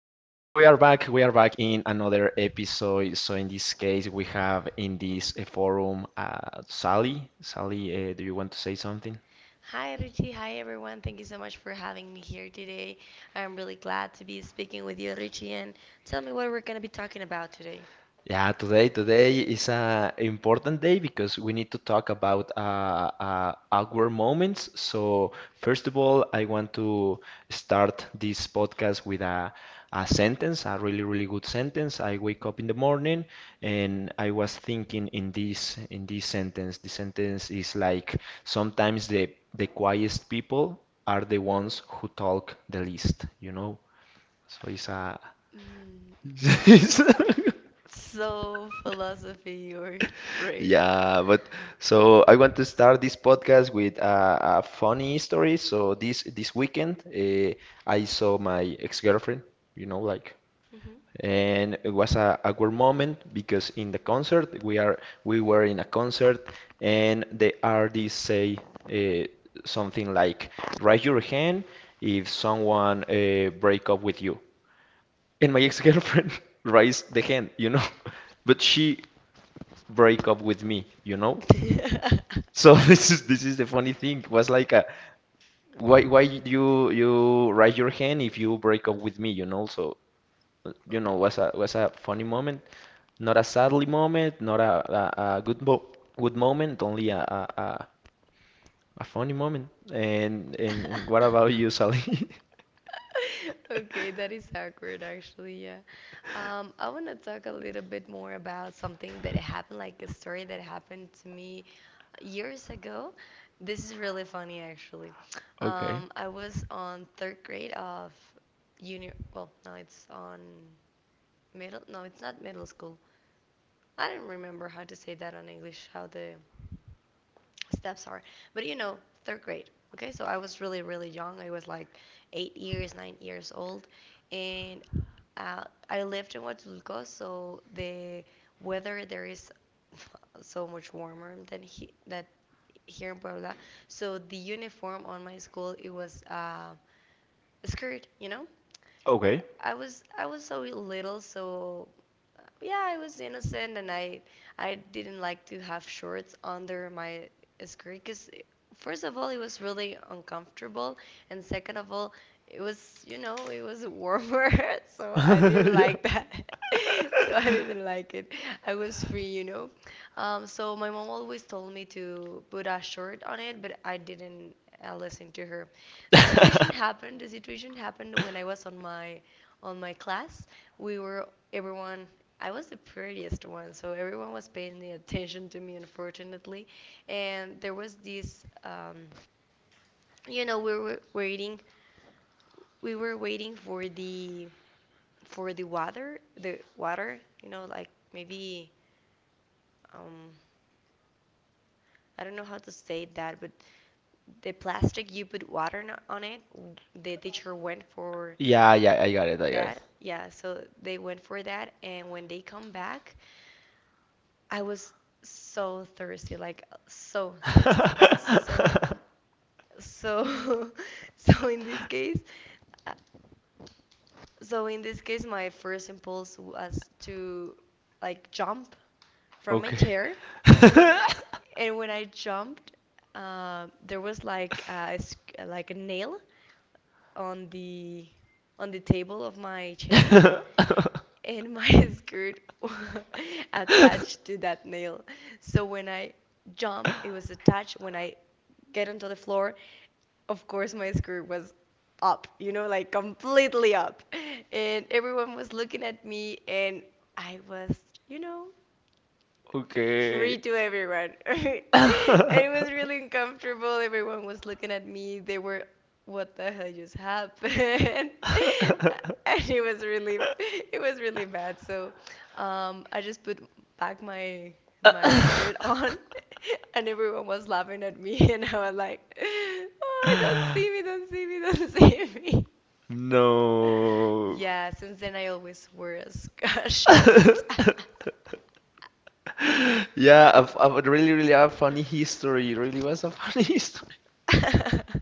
Are back. We are back in another episode. So in this case, we have in this forum Sally. Sally, do you want to say something? Hi, Richie. Hi, everyone. Thank you so much for having me here today. I'm really glad to be speaking with you, Richie. And tell me what we're going to be talking about today. Yeah, today is a important day because we need to talk about awkward moments. So first of all, I want to start this podcast with a sentence, a really good sentence. I wake up in the morning and I was thinking in this sentence. The sentence is like sometimes the quietest people are the ones who talk the least, you know? So it's a Mm, so, philosophy, or phrase. Yeah, but so I want to start this podcast with a funny story. So this weekend, I saw my ex-girlfriend, you know, like, Hmm and it was a awkward moment because in the concert we were in a concert and the artist say uh, something like, "Raise your hand if someone break up with you." And my ex-girlfriend raised the hand, you know, but she break up with me, you know. So this is the funny thing. Was like a why you raise your hand if you break up with me, you know? So you know was a funny moment, not a sadly moment, not a good moment, only a funny moment. And what about you, Sally? Okay, that is awkward actually, yeah. I want to talk a little bit more about something that happened, like a story that happened to me years ago. This is really funny actually. Okay. I was on third grade of uni, well, no, it's on middle, no, it's not middle school. I don't remember how to say that on English, how the steps are. But you know, third grade. Okay, so I was really, really young. I was like 8 years, 9 years old. And I lived in Huatulco, so the weather there is so much warmer than he, that here in Puebla. So the uniform on my school, it was a skirt, you know? Okay. I was so little, so yeah, I was innocent, and I didn't like to have shorts under my skirt because first of all it was really uncomfortable, and second of all it was you know it was warmer, so I didn't Yeah. like that. So I didn't like it. I was free, you know. So my mom always told me to put a short on it, but I didn't listen to her. The situation happened when I was on my class. We were everyone. I was the prettiest one, so everyone was paying attention to me, unfortunately. And there was this you know, we were waiting for the water, you know, like maybe um, I don't know how to say that, but the plastic you put water no- on it. The teacher went for Yeah, yeah, I got it, that, yeah, so they went for that, and when they come back I was so thirsty, like so thirsty, so so, so in this case, uh, so in this case, my first impulse was to like jump from my chair, and when I jumped, there was like a, sc- like a nail on the on the table of my chair, it. Okay. and my skirt attached to that nail. So when I jumped, it was attached. When I get onto the floor, of course my skirt was up, you know, like completely up. And everyone was looking at me, and I was, you know, free Okay. to everyone. And it was really uncomfortable. Everyone was looking at me. They were, what the hell just happened? And it was really bad. So, I just put back my my skirt on, and everyone was laughing at me, and I was like, oh, don't see me, don't see me, don't see me. No. Yeah, since then I always wear a, sk- a short. Yeah, a really, really a funny history. It really was a funny history.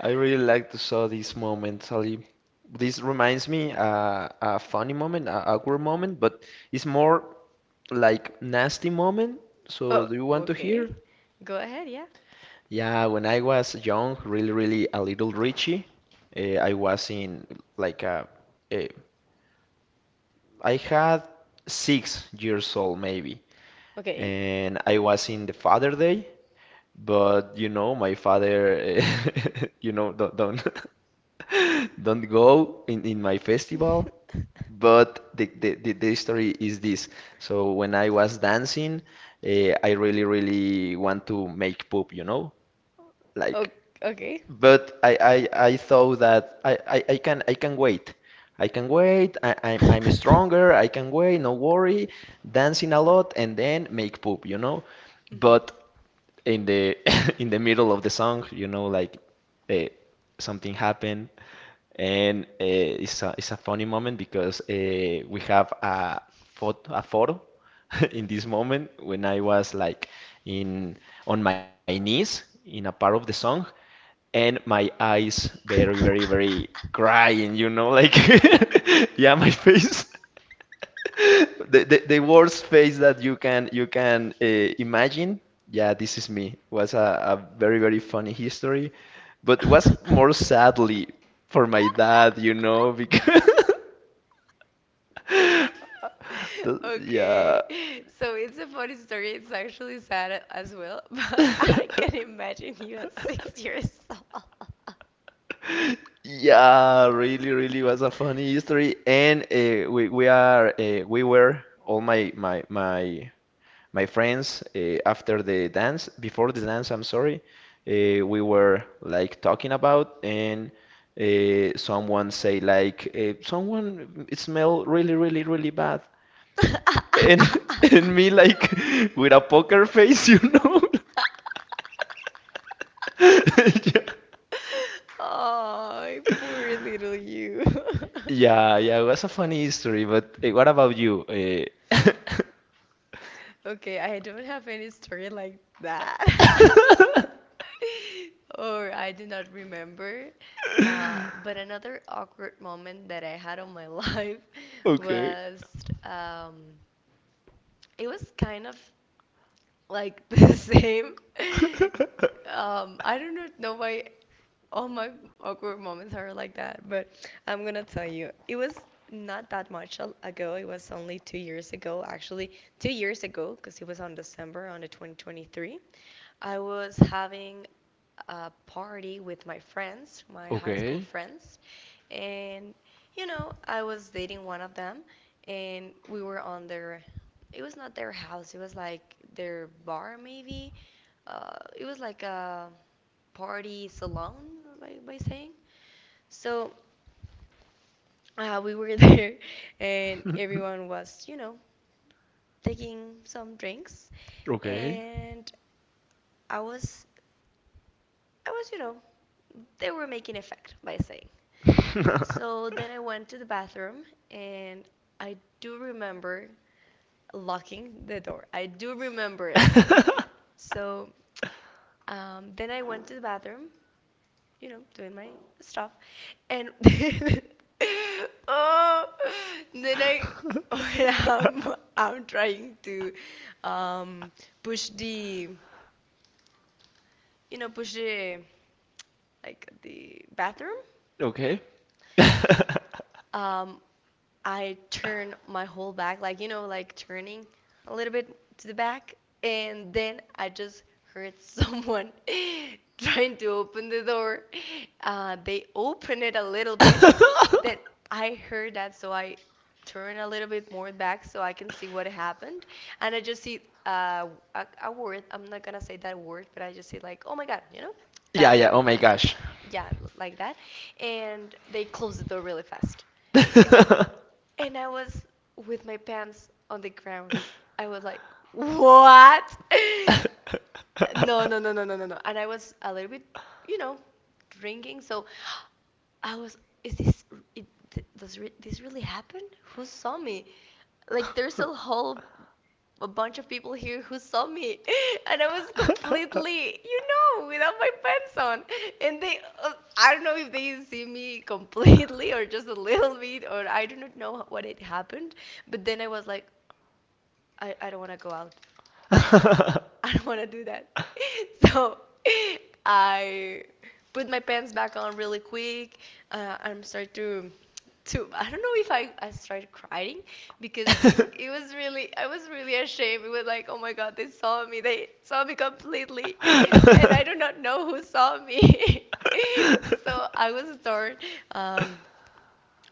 I really like to saw this moment, Sally. This reminds me a funny moment, a awkward moment, but it's more like nasty moment. So Oh, do you want to okay. hear? Go ahead, yeah. Yeah, when I was young, really, really a little Richie, I was in like a, I had 6 years old maybe, Okay. and I was in the Father Day, but you know, my father, you know, don't, don't go in my festival. But the story is this. So when I was dancing, I really, really want to make poop, you know, like. O- okay. But I thought that I can wait. I can wait. I'm stronger. I can wait. No worry. Dancing a lot and then make poop, you know. Mhm. But in the in the middle of the song, you know, like uh, something happened, and it's a funny moment because we have a photo in this moment when I was like in on my knees in a part of the song and my eyes very crying you know like yeah my face the worst face that you can imagine yeah this is me was a very very funny history but was more sadly for my dad you know because yeah Okay. So it's a funny story. It's actually sad as well, but I can imagine you at 6 years old. yeah, really, really was a funny history, and we were all my friends after the dance before the dance I'm sorry we were like talking about and someone say like someone it smell really bad and and me like with a poker face you know yeah Oh, poor little you. Yeah, it was a funny history but what about you Okay, I don't have any story like that. Or I do not remember. But another awkward moment that I had on my life okay was um, it was kind of like the same. I don't know why all my awkward moments are like that, but I'm gonna tell you. It was not that much al- ago. It was only 2 years ago, actually, 2 years ago, because it was on December on the 2023. I was having a party with my friends, my high okay school friends, and you know, I was dating one of them, and we were on their. It was not their house. It was like their bar, maybe. It was like a party salon, by saying. So we were there, and everyone was, you know, taking some drinks, okay and I was, I was, you know, they were making effect by saying. So then I went to the bathroom, and I do remember locking the door. I do remember it. So then I went to the bathroom, you know, doing my stuff, and oh, then I when I'm I'm trying to um, push the you know push the like the bathroom. Okay. Um, I turn my whole back, like you know, like turning a little bit to the back, and then I just heard someone trying to open the door. They open it a little bit. Then I heard that, so I turn a little bit more back so I can see what happened, and I just see uh, a word. I'm not gonna say that word, but I just see like, oh my God, you know, Yeah, that yeah. word Oh my on, gosh. yeah, like that, and they close the door really fast, and I was with my pants on the ground. I was like, what? No, no, no, no, no, no, no. And I was a little bit, you know, drinking. So is this, it, th- does re- this really happen? Who saw me? Like, there's a whole a bunch of people here who saw me, and I was completely, you know, without my pants on. And they, I don't know if they see me completely or just a little bit, or I do not know what it happened. But then I was like, I don't want to go out. I don't want to do that. So I put my pants back on really quick. I'm start to I don't know if I started crying because it was really I was really ashamed. It was like, oh my god, they saw me. They saw me completely, and I do not know who saw me. So I was start um,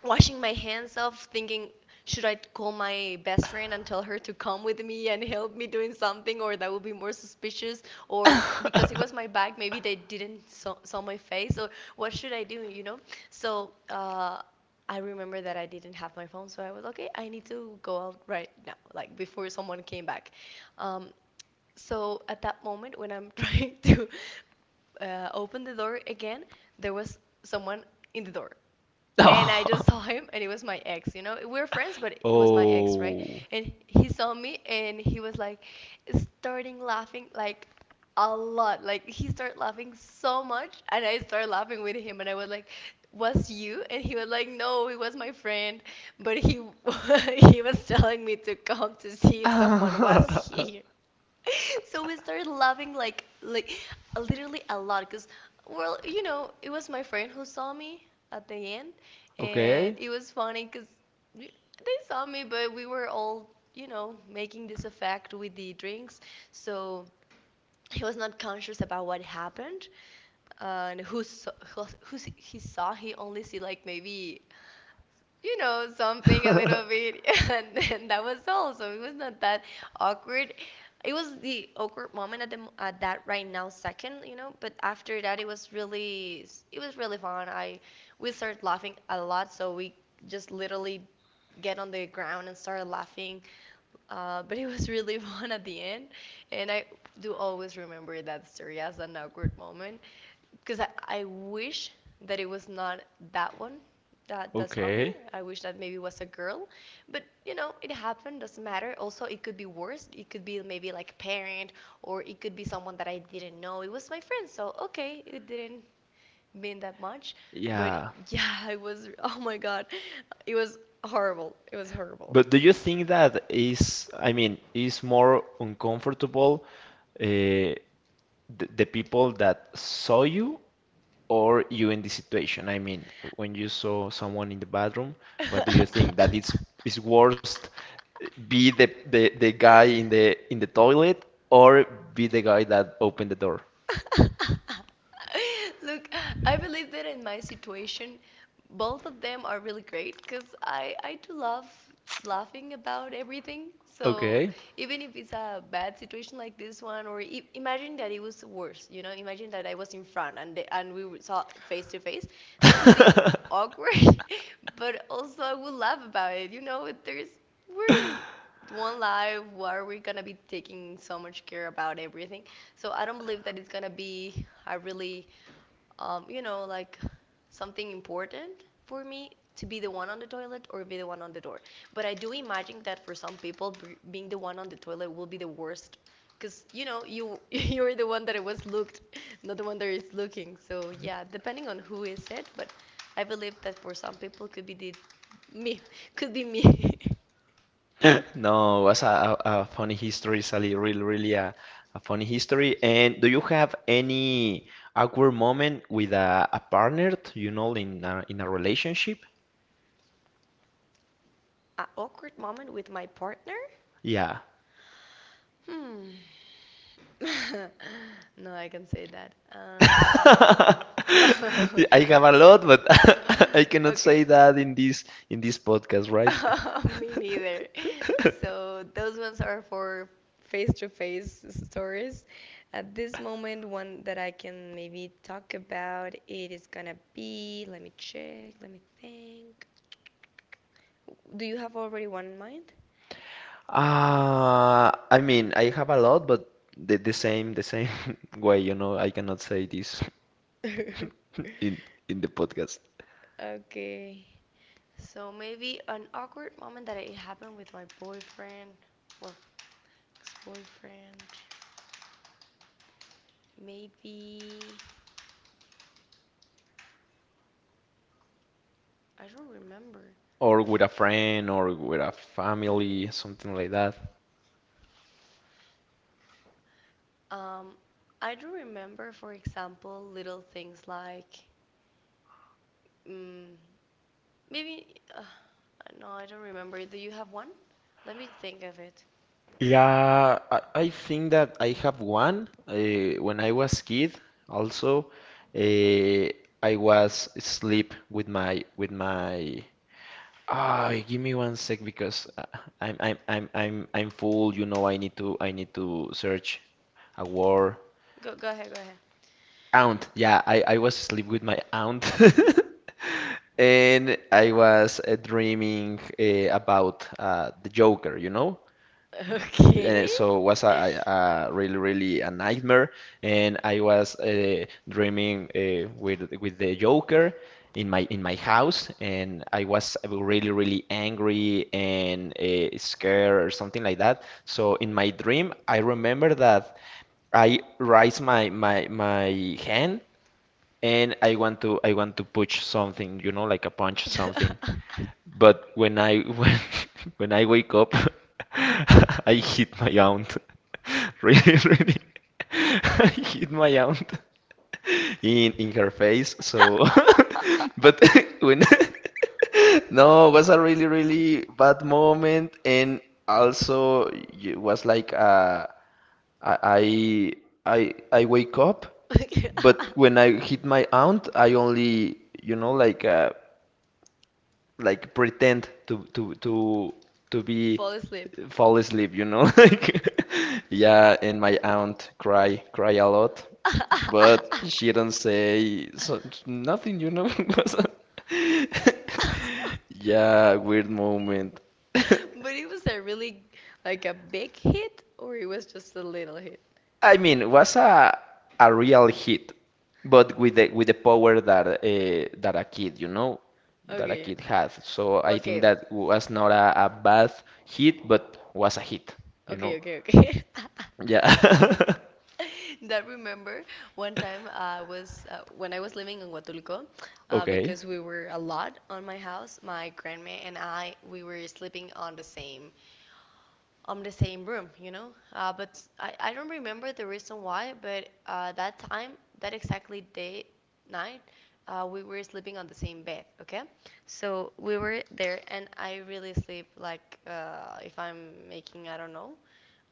washing my hands off, thinking, should I call my best friend and tell her to come with me and help me doing something, or that would be more suspicious, or because it was my bag, maybe they didn't saw, saw my face, or what should I do, you know? So I remember that I didn't have my phone, so I was okay. I need to go out right now, like before someone came back. Um, so at that moment, when I'm trying to open the door again, there was someone in the door, and I just Oh. saw him, and it was my ex. You know, we were friends, but it was my ex, right? And he saw me, and he was like, starting laughing like a lot. Like he started laughing so much, and I started laughing with him, and I was like, "Was you?" And he was like, "No, he was my friend, but he he was telling me to come to see if someone was Oh. here." So we started laughing like literally a lot because well you know it was my friend who saw me at the end, and Okay. it was funny because they saw me, but we were all you know making this effect with the drinks, so he was not conscious about what happened. And who he saw, he only see like maybe you know, something a little bit, and, then that was all. So it was not that awkward. It was the awkward moment at the at that right now second, you know. But after that, it was really it was really fun. I we started laughing a lot, so we just literally get on the ground and started laughing. But it was really fun at the end, and I do always remember that story as an awkward moment because I wish that it was not that one that saw me. Okay. I wish that maybe was a girl, but you know it happened. Doesn't matter. Also, it could be worse. It could be maybe like parent, or it could be someone that I didn't know. It was my friend, so okay, it didn't mean that much. But Yeah. yeah, I was. Oh my god, it was horrible. It was horrible. But do you think that is, I mean, is more uncomfortable uh, the, the people that saw you? Or you in the situation, I mean, when you saw someone in the bathroom, what do you think? That it's is worst be the guy in the toilet or be the guy that opened the door? Look, I believe that in my situation, both of them are really great because I do love laughing about everything. So Okay. even if it's a bad situation like this one, or I imagine that it was worse, you know, imagine that I was in front and they, and we were- saw face to face, that could be awkward, but also I would laugh about it, you know. There's we're one life, why are we gonna be taking so much care about everything? So I don't believe that it's gonna be a really um, you know like something important for me to be the one on the toilet or be the one on the door. But I do imagine that for some people being the one on the toilet will be the worst, because you know, you you're the one that was looked, not the one that is looking. So yeah, depending on who is it. But I believe that for some people could be the me, could be me. No, that's a funny history, Sally. Really, really a funny history. And do you have any awkward moment with a partner, you know, in in a relationship? An awkward moment with my partner? Yeah. Hmm. No, I can say that. I Uh... have a lot, but I cannot okay. say that in this podcast, right? Me neither. So those ones are for face-to-face stories. At this moment, one that I can maybe talk about, it is gonna be, let me check, let me think. Do you have already one in mind? I mean, I have a lot, but the same way, you know, I cannot say this in in the podcast, Okay. So maybe an awkward moment that it happened with my boyfriend, well, ex-boyfriend. Maybe I don't remember. or with a friend or with a family, something like that. Um, I do remember, for example, little things like, mm, maybe, uh, no, I don't remember. Do you have one? Let me think of it. Yeah, I think that I have one. When I was kid, also, uh, I was asleep with my. Ah, give me one sec because I'm full. You know, I need to search a word. Go, go ahead, go ahead. Aunt. Yeah, I was asleep with my aunt, and I was dreaming about the Joker. You know, Okay. so it was a really, really a nightmare, and I was dreaming with the Joker in my house, and I was really, really angry and scared or something like that. So in my dream, I remember that I raise my hand and I want to push something, you know, like a punch something, but when I when I wake up, I hit my aunt. Really, really. I hit my aunt in her face. So, but when no, it was a really, really bad moment, and also it was like I I I wake up, but when I hit my aunt, I only you know like pretend to be Fall asleep. Fall asleep, you know? Like yeah, and my aunt cry cry a lot, but she don't say so, nothing, you know? Was a- Yeah, weird moment. But it was a really, like a big hit, or it was just a little hit? I mean, it was a real hit, but with the power that that a kid, you know, that a Okay. kid has. So I think Okay. that was not a bad hit, but was a hit, you Okay, know. okay, okay. Yeah. That remember one time I was when I was living in Huatulco, Okay. because we were a lot on my house. My grandma and I, we were sleeping on the same room, you know. But I don't remember the reason why. But that time, that exactly day night, we were sleeping on the same bed. Okay, so we were there, and I really sleep like, if I'm making, I don't know,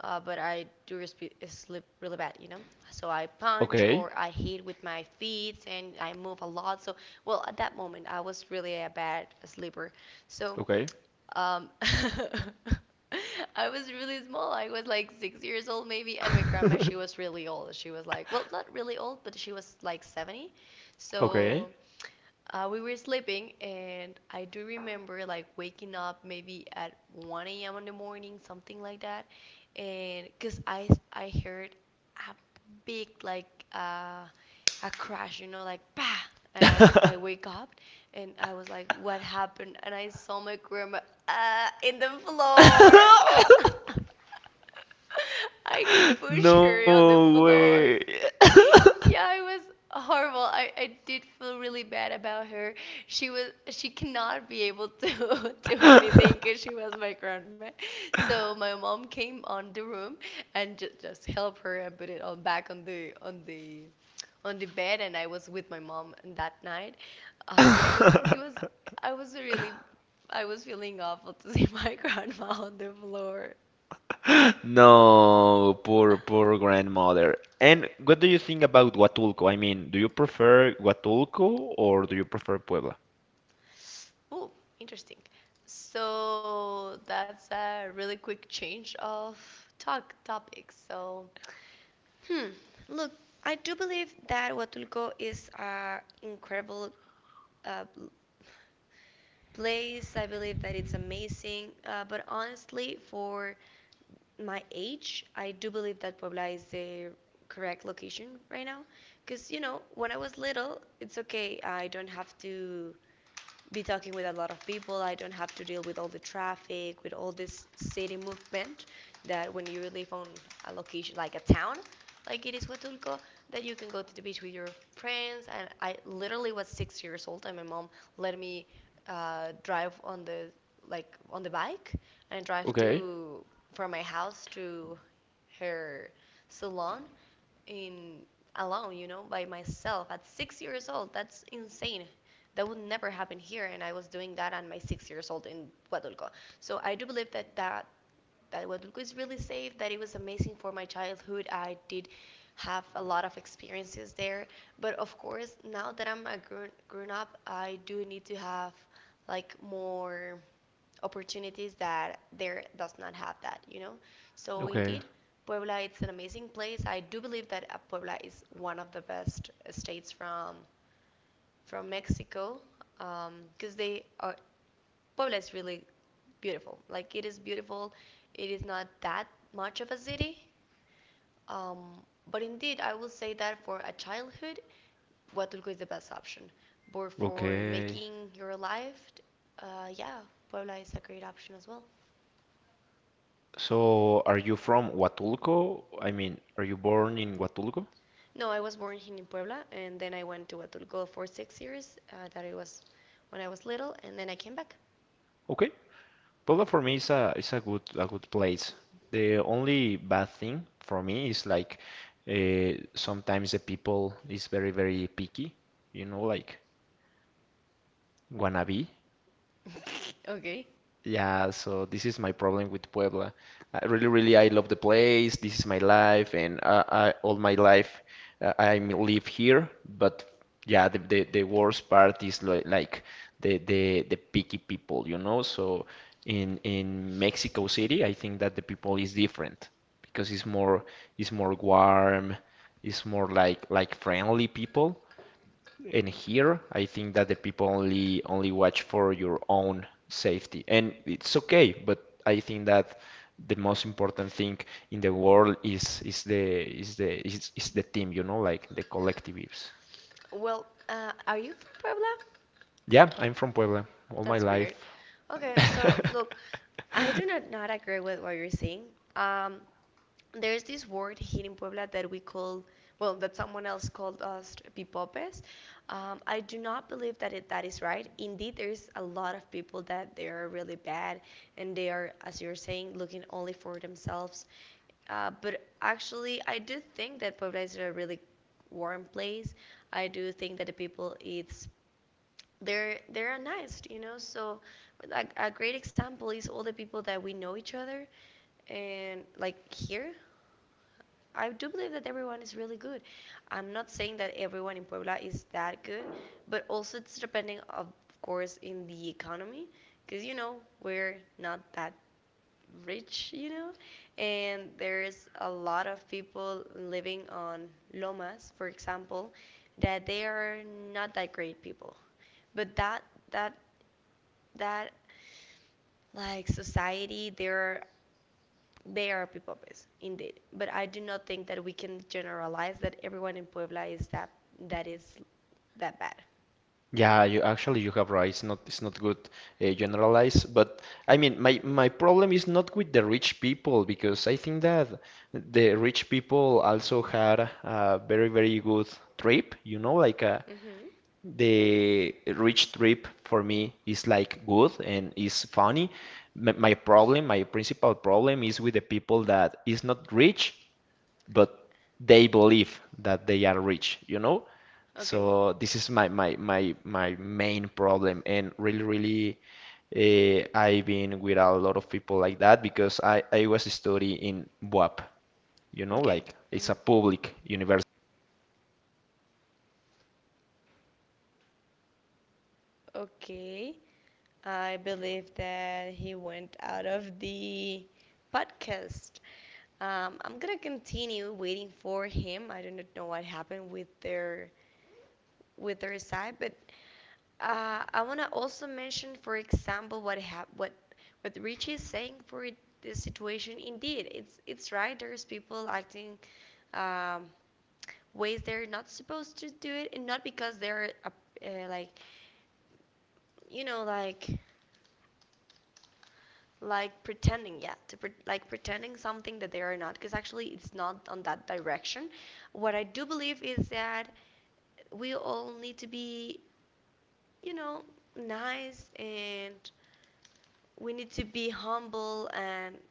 but I do sleep really bad, you know. So I punch Okay. or I hit with my feet and I move a lot. So, well, at that moment, I was really a bad sleeper. So, Okay. um, I was really small. I was like 6 years old, maybe. And my grandma, she was really old. She was like, well, not really old, but she was like 70. So, Okay. We were sleeping, and I do remember like waking up maybe at 1 a.m. in the morning, something like that, and because I heard a big like uh, a crash, you know, like bah, and I wake up, and I was like, what happened? And I saw my grandma in the floor. I pushed No her on the floor. way. Yeah, it was horrible. I did feel really bad about her. She cannot be able to do anything because she was my grandma. So my mom came on the room and just help her and put it on back on the on the on the bed. And I was with my mom that night. But it was I was really, I was feeling awful to see my grandma on the floor. No, poor, poor grandmother. And what do you think about Huatulco? I mean, do you prefer Huatulco or do you prefer Puebla? Oh, interesting. So that's a really quick change of talk topic. So, hmm. Look, I do believe that Huatulco is an incredible uh, l- place. I believe that it's amazing. But honestly, for my age, I do believe that Puebla is the correct location right now. Because, you know, when I was little, it's okay. I don't have to be talking with a lot of people. I don't have to deal with all the traffic, with all this city movement that when you live on a location like a town, like it is Huatulco, that you can go to the beach with your friends. And I literally was 6 years old, and my mom let me drive on the like on the bike and drive Okay, to from my house to her salon in alone, you know, by myself at 6 years old. That's insane, that would never happen here. And I was doing that on my 6 years old in Huatulco. So I do believe that that Huatulco is really safe, that it was amazing for my childhood. I did have a lot of experiences there, but of course now that I'm a grown, grown up, I do need to have like more opportunities that there does not have, that you know. So okay. indeed, Puebla, it's an amazing place. I do believe that Puebla is one of the best states from Mexico, because they are Puebla is really beautiful. Like it is beautiful. It is not that much of a city, um, but indeed I will say that for a childhood, Huatulco is the best option. But for Okay. making your life, yeah, Puebla is a great option as well. So, are you from Huatulco? I mean, are you born in Huatulco? No, I was born here in Puebla, and then I went to Huatulco for 6 years. That it was when I was little, and then I came back. Okay. Puebla for me is a good place. The only bad thing for me is like sometimes the people is very very picky, you know, like wannabe. Okay. Yeah, so this is my problem with Puebla. I really, really, I love the place. This is my life, and all my life I live here. But yeah, the worst part is like the picky people, you know. So in Mexico City, I think that the people is different because it's more warm, it's more like friendly people. And here, I think that the people only only watch for your own safety, and it's okay. But I think that the most important thing in the world is is the team, you know, like the collectives. Well, are you from Puebla? Yeah, I'm from Puebla all my That's life. weird. Okay, so look, I do not not agree with what you're saying. Um, there's this word here in Puebla that we call, well, that someone else called us pipopes. I do not believe that it, that is right. Indeed, there's a lot of people that they are really bad, and they are, as you're saying, looking only for themselves. But actually, I do think that Puebla is a really warm place. I do think that the people it's they're nice, you know. So like a great example is all the people that we know each other, and like here, I do believe that everyone is really good. I'm not saying that everyone in Puebla is that good, but also it's depending of course in the economy, because you know, we're not that rich, you know. And there's a lot of people living on lomas, for example, that they are not that great people. But that that like society there, they are people based indeed. But I do not think that we can generalize that everyone in Puebla is that that is that bad. Yeah, you actually you have right. It's not good generalize, but I mean my my problem is not with the rich people because I think that the rich people also had a very very good trip. You know, like Mhm. the rich trip for me is like good and is funny. My problem, my principal problem is with the people that is not rich but they believe that they are rich, you know? Okay. So this is my main problem, and really, really, I've been with a lot of people like that because I was studying in BUAP, you know, Okay. like it's Mhm. a public university. So, do you you think that in Okay. a public I university, believe uh, that he the went out of people the will be podcast. more like I'm chill gonna or continue calm waiting for or something him. like I that, do not but it's know what more more happened pretense, you know, like it's like with their side. But I don't know, it's not my trip, only it's I not want to my trip. also mention, for example, what what Richie is saying for this situation. Indeed, it's right. There's people acting um, ways they're not supposed to do it, and not because they're uh, like you know like like Oh, Sally, do pretending, you yeah, hear to me? Like pretending I cannot something that they hear are not, you. because actually it's not on that direction. What I do believe is that we all need to be, you know, nice. And we need to be Sally, do humble, you hear me? and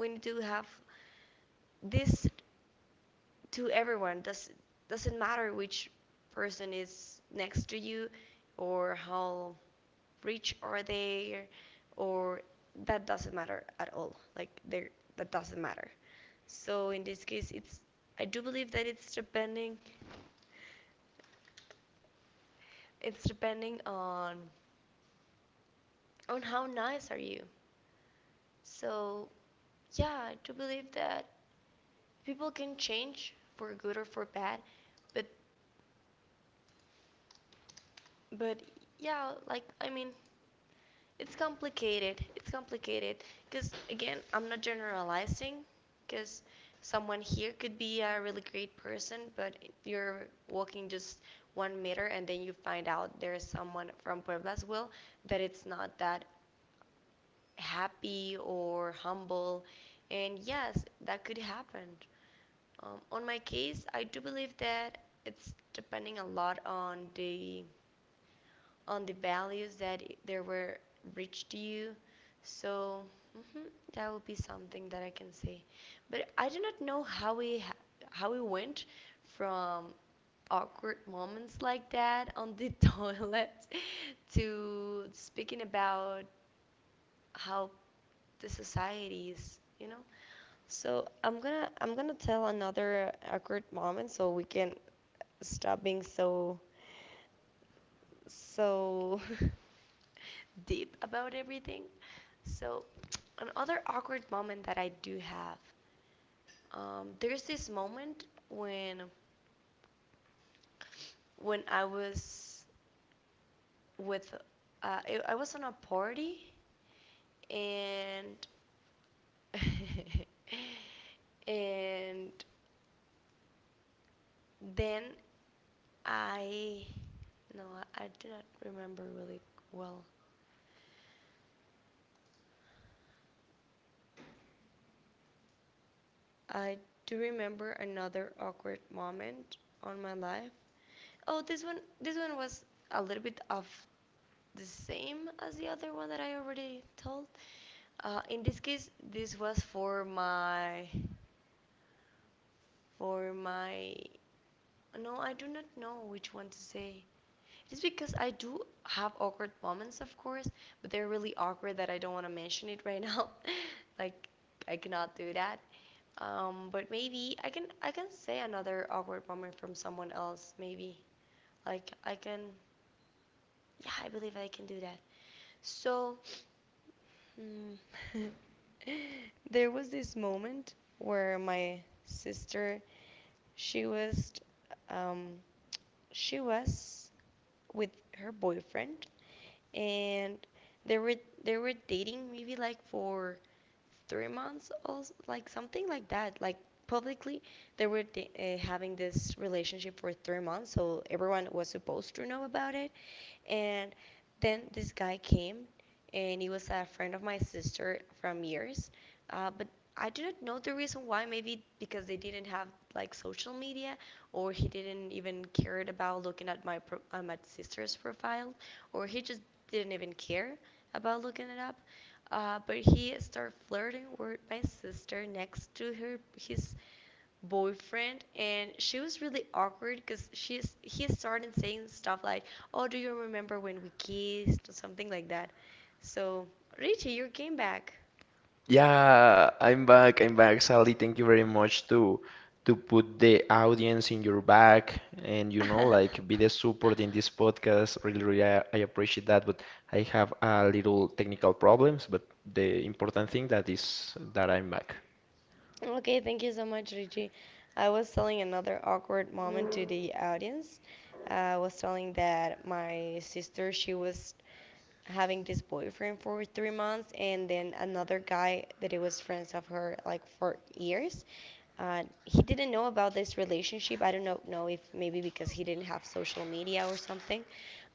we need to have Sally, do you hear me? this No, to please, everyone. no, Doesn't please. matter which person is next to you, or how rich are they, or that doesn't matter at all. Like they that doesn't matter. So in this case it's, I do believe that it's depending on how nice are you. So, yeah, I do believe that people can change for good or for bad, but but yeah, like I mean, it's complicated. It's complicated because again, I'm not generalizing, because someone here could be a really great person, but you're walking just one Sally, do meter you and then hear you me? find out there's Sally, do you someone hear from me? Puebla as well that it's not that happy or humble. And yes, that could happen. On Sally, my do you hear case, I me? do believe that it's depending a lot on the values that there were reached Sally, to do you hear you. me? So mhm, that would be Hey, something Sally, that I do you can hear me? say. But I do not know how we went from awkward moments like that on the toilet to speaking about how the society is, you know. So I'm gonna tell another awkward moment so we can stop being so so deep about everything. So another awkward moment that I do have. There's this moment Sally, do you hear me? when I was with I was on a party and and then I no, I do not remember really well. I do remember another awkward moment on my life. Oh, this one, this one was a little bit of the same as the other one that I already told. In this case, this was for my no, I do not know which one to say. It is because I do have awkward moments, of course, but they're really awkward that I don't want to mention it right now. Like I cannot do that. But maybe I can say another awkward moment from someone else. Maybe like I can, yeah, I believe I can do that. So, mm, there was this moment where my sister, she was, um, she was with her boyfriend, and they were they were dating maybe like for 3 months or like something like that, like publicly they were having this relationship for 3 months, so everyone was supposed to know about it. And then this guy came, and he was a friend of my sister from years, but I didn't know the reason why. Maybe because they didn't have like social media, or he didn't even cared about looking at my sister's profile, or he just didn't even care about looking it up. But he started flirting with my sister next to her his boyfriend, and she was really awkward because she's he started saying stuff like, "Oh, do you remember when we kissed?" or something like that. So Richie, you came back. Yeah, I'm back. I'm back, Sally. Thank you very much to put the audience in your back and you know like be the support in this podcast. Really, really, I appreciate that. But I have a little technical problems. But the important thing that is that I'm back. Okay, thank you so much, Richie. I was telling another awkward moment to the audience. I was telling that my sister, she was having this boyfriend for 3 months, and then another guy that it was friends of her like for years, he didn't know about this relationship. I don't know, if maybe because he didn't have social media or something.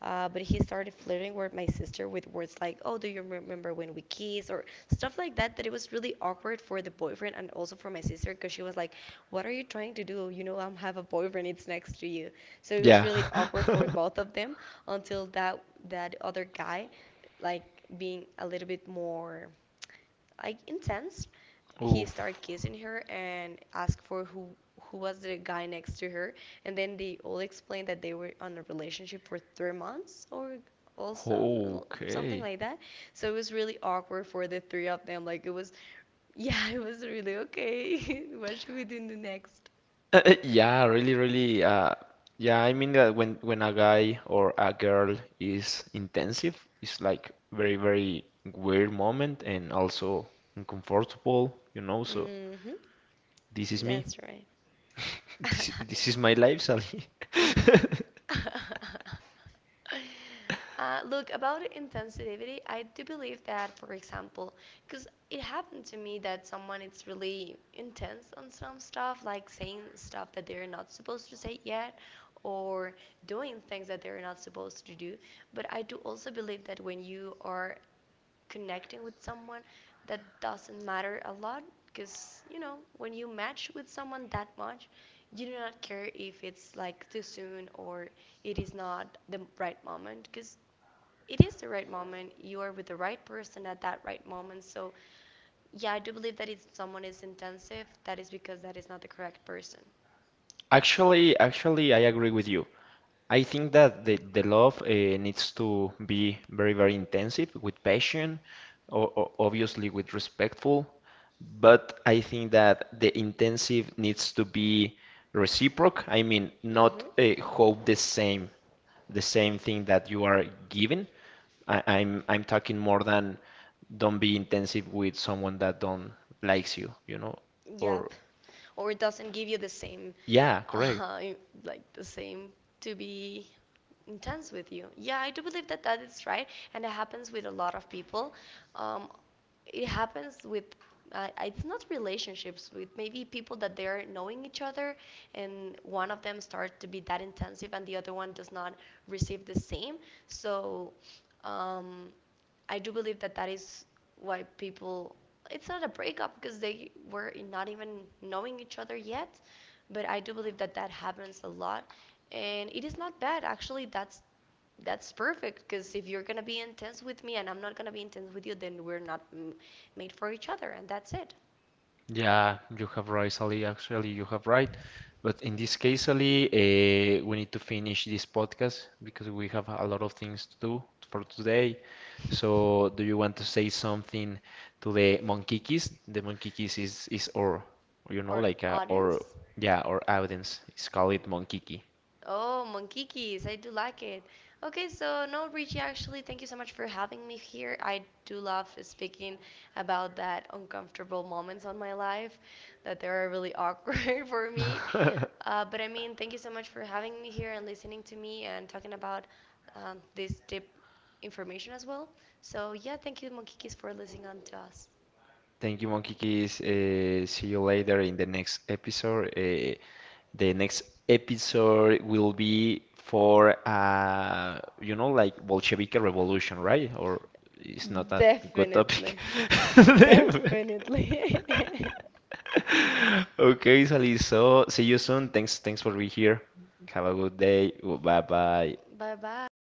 But he started flirting with my sister with words like, "Oh, do you remember when we kissed?" or stuff like that. That it was really awkward for the boyfriend and also for my sister, because she was like, "What are you trying to do? You know, I am have a boyfriend. It's next to you." So it was Yeah. really awkward for both of them, until that that other guy, like being a little bit more like intense, he Oof. started kissing her and asked for who was the guy next to her, and then they all explained that they were on a relationship for 3 months or also l- something Okay. like that. So it was really awkward for the three of them, like it was, yeah, it was really okay. What should we do next? Yeah, really, really. Yeah, I mean that when a guy or a girl is intensive, it's like very, very weird moment and also uncomfortable, you know. So Mm-hmm. this is me. That's right. This is my life, Sally. Look, about insensitivity, I do believe that, for example, because it happened to me that someone is really intense on some stuff, like saying stuff that they're not supposed to say yet, or doing things that they're not supposed to do. But I do also believe that when you are connecting with someone, that doesn't matter a lot, because you know, when you match with someone that much, you do not care if it's like too soon, or it is not the right moment, because it is the right moment, you are with the right person at that right moment. So yeah, I do believe that if someone is intensive, that is because that is not the correct person. Actually, I agree with you. I think that the love needs to be very, very intensive with passion, or obviously with respectful, but I think that the intensive needs to be reciprocal. I mean, Mm-hmm. not hope the same thing that you are giving. I'm talking more than don't be intensive with someone that don't likes you, you know, or Yep. Or it doesn't give you the same, yeah, correct. uh, like the same to be intense with you. Yeah, I do believe that that is right, and it happens with a lot of people. Um, it happens with it's not relationships with maybe people that they're knowing each other, and one of them starts to be that intensive and the other one does not receive the same. So um, I do believe that that is why people. It's not a breakup because they were not even knowing each other yet, but I do believe that that happens a lot, and it is not bad actually. That's perfect, because if you're gonna be intense with me and I'm not gonna be intense with you, then we're not m- made for each other, and that's it. Yeah, you have right, Sally. Actually, you have right. But in this case, Sally, we need to finish this podcast because we have a lot of things to do for today. So, do you want to say something to the Monkikis? The Monkikis is or you know Or like or audience. yeah or audience. It's called it Monkiki. Oh, Monkikis, I do like it. Okay, so no, Richie, actually, thank you so much for having me here. I do love speaking about that uncomfortable moments on my life that they are really awkward for me. But I mean, thank you so much for having me here and listening to me and talking about this deep information as well. So yeah, thank you, Monkikis, for listening on to us. Thank you, Monkikis. See you later in the next episode. The next episode will be for you know like Bolshevik revolution, right? Or it's not that good topic. Definitely. Definitely. Okay, Sally, so see you soon. Thanks, thanks for being here. Have a good day. Bye bye. Bye bye.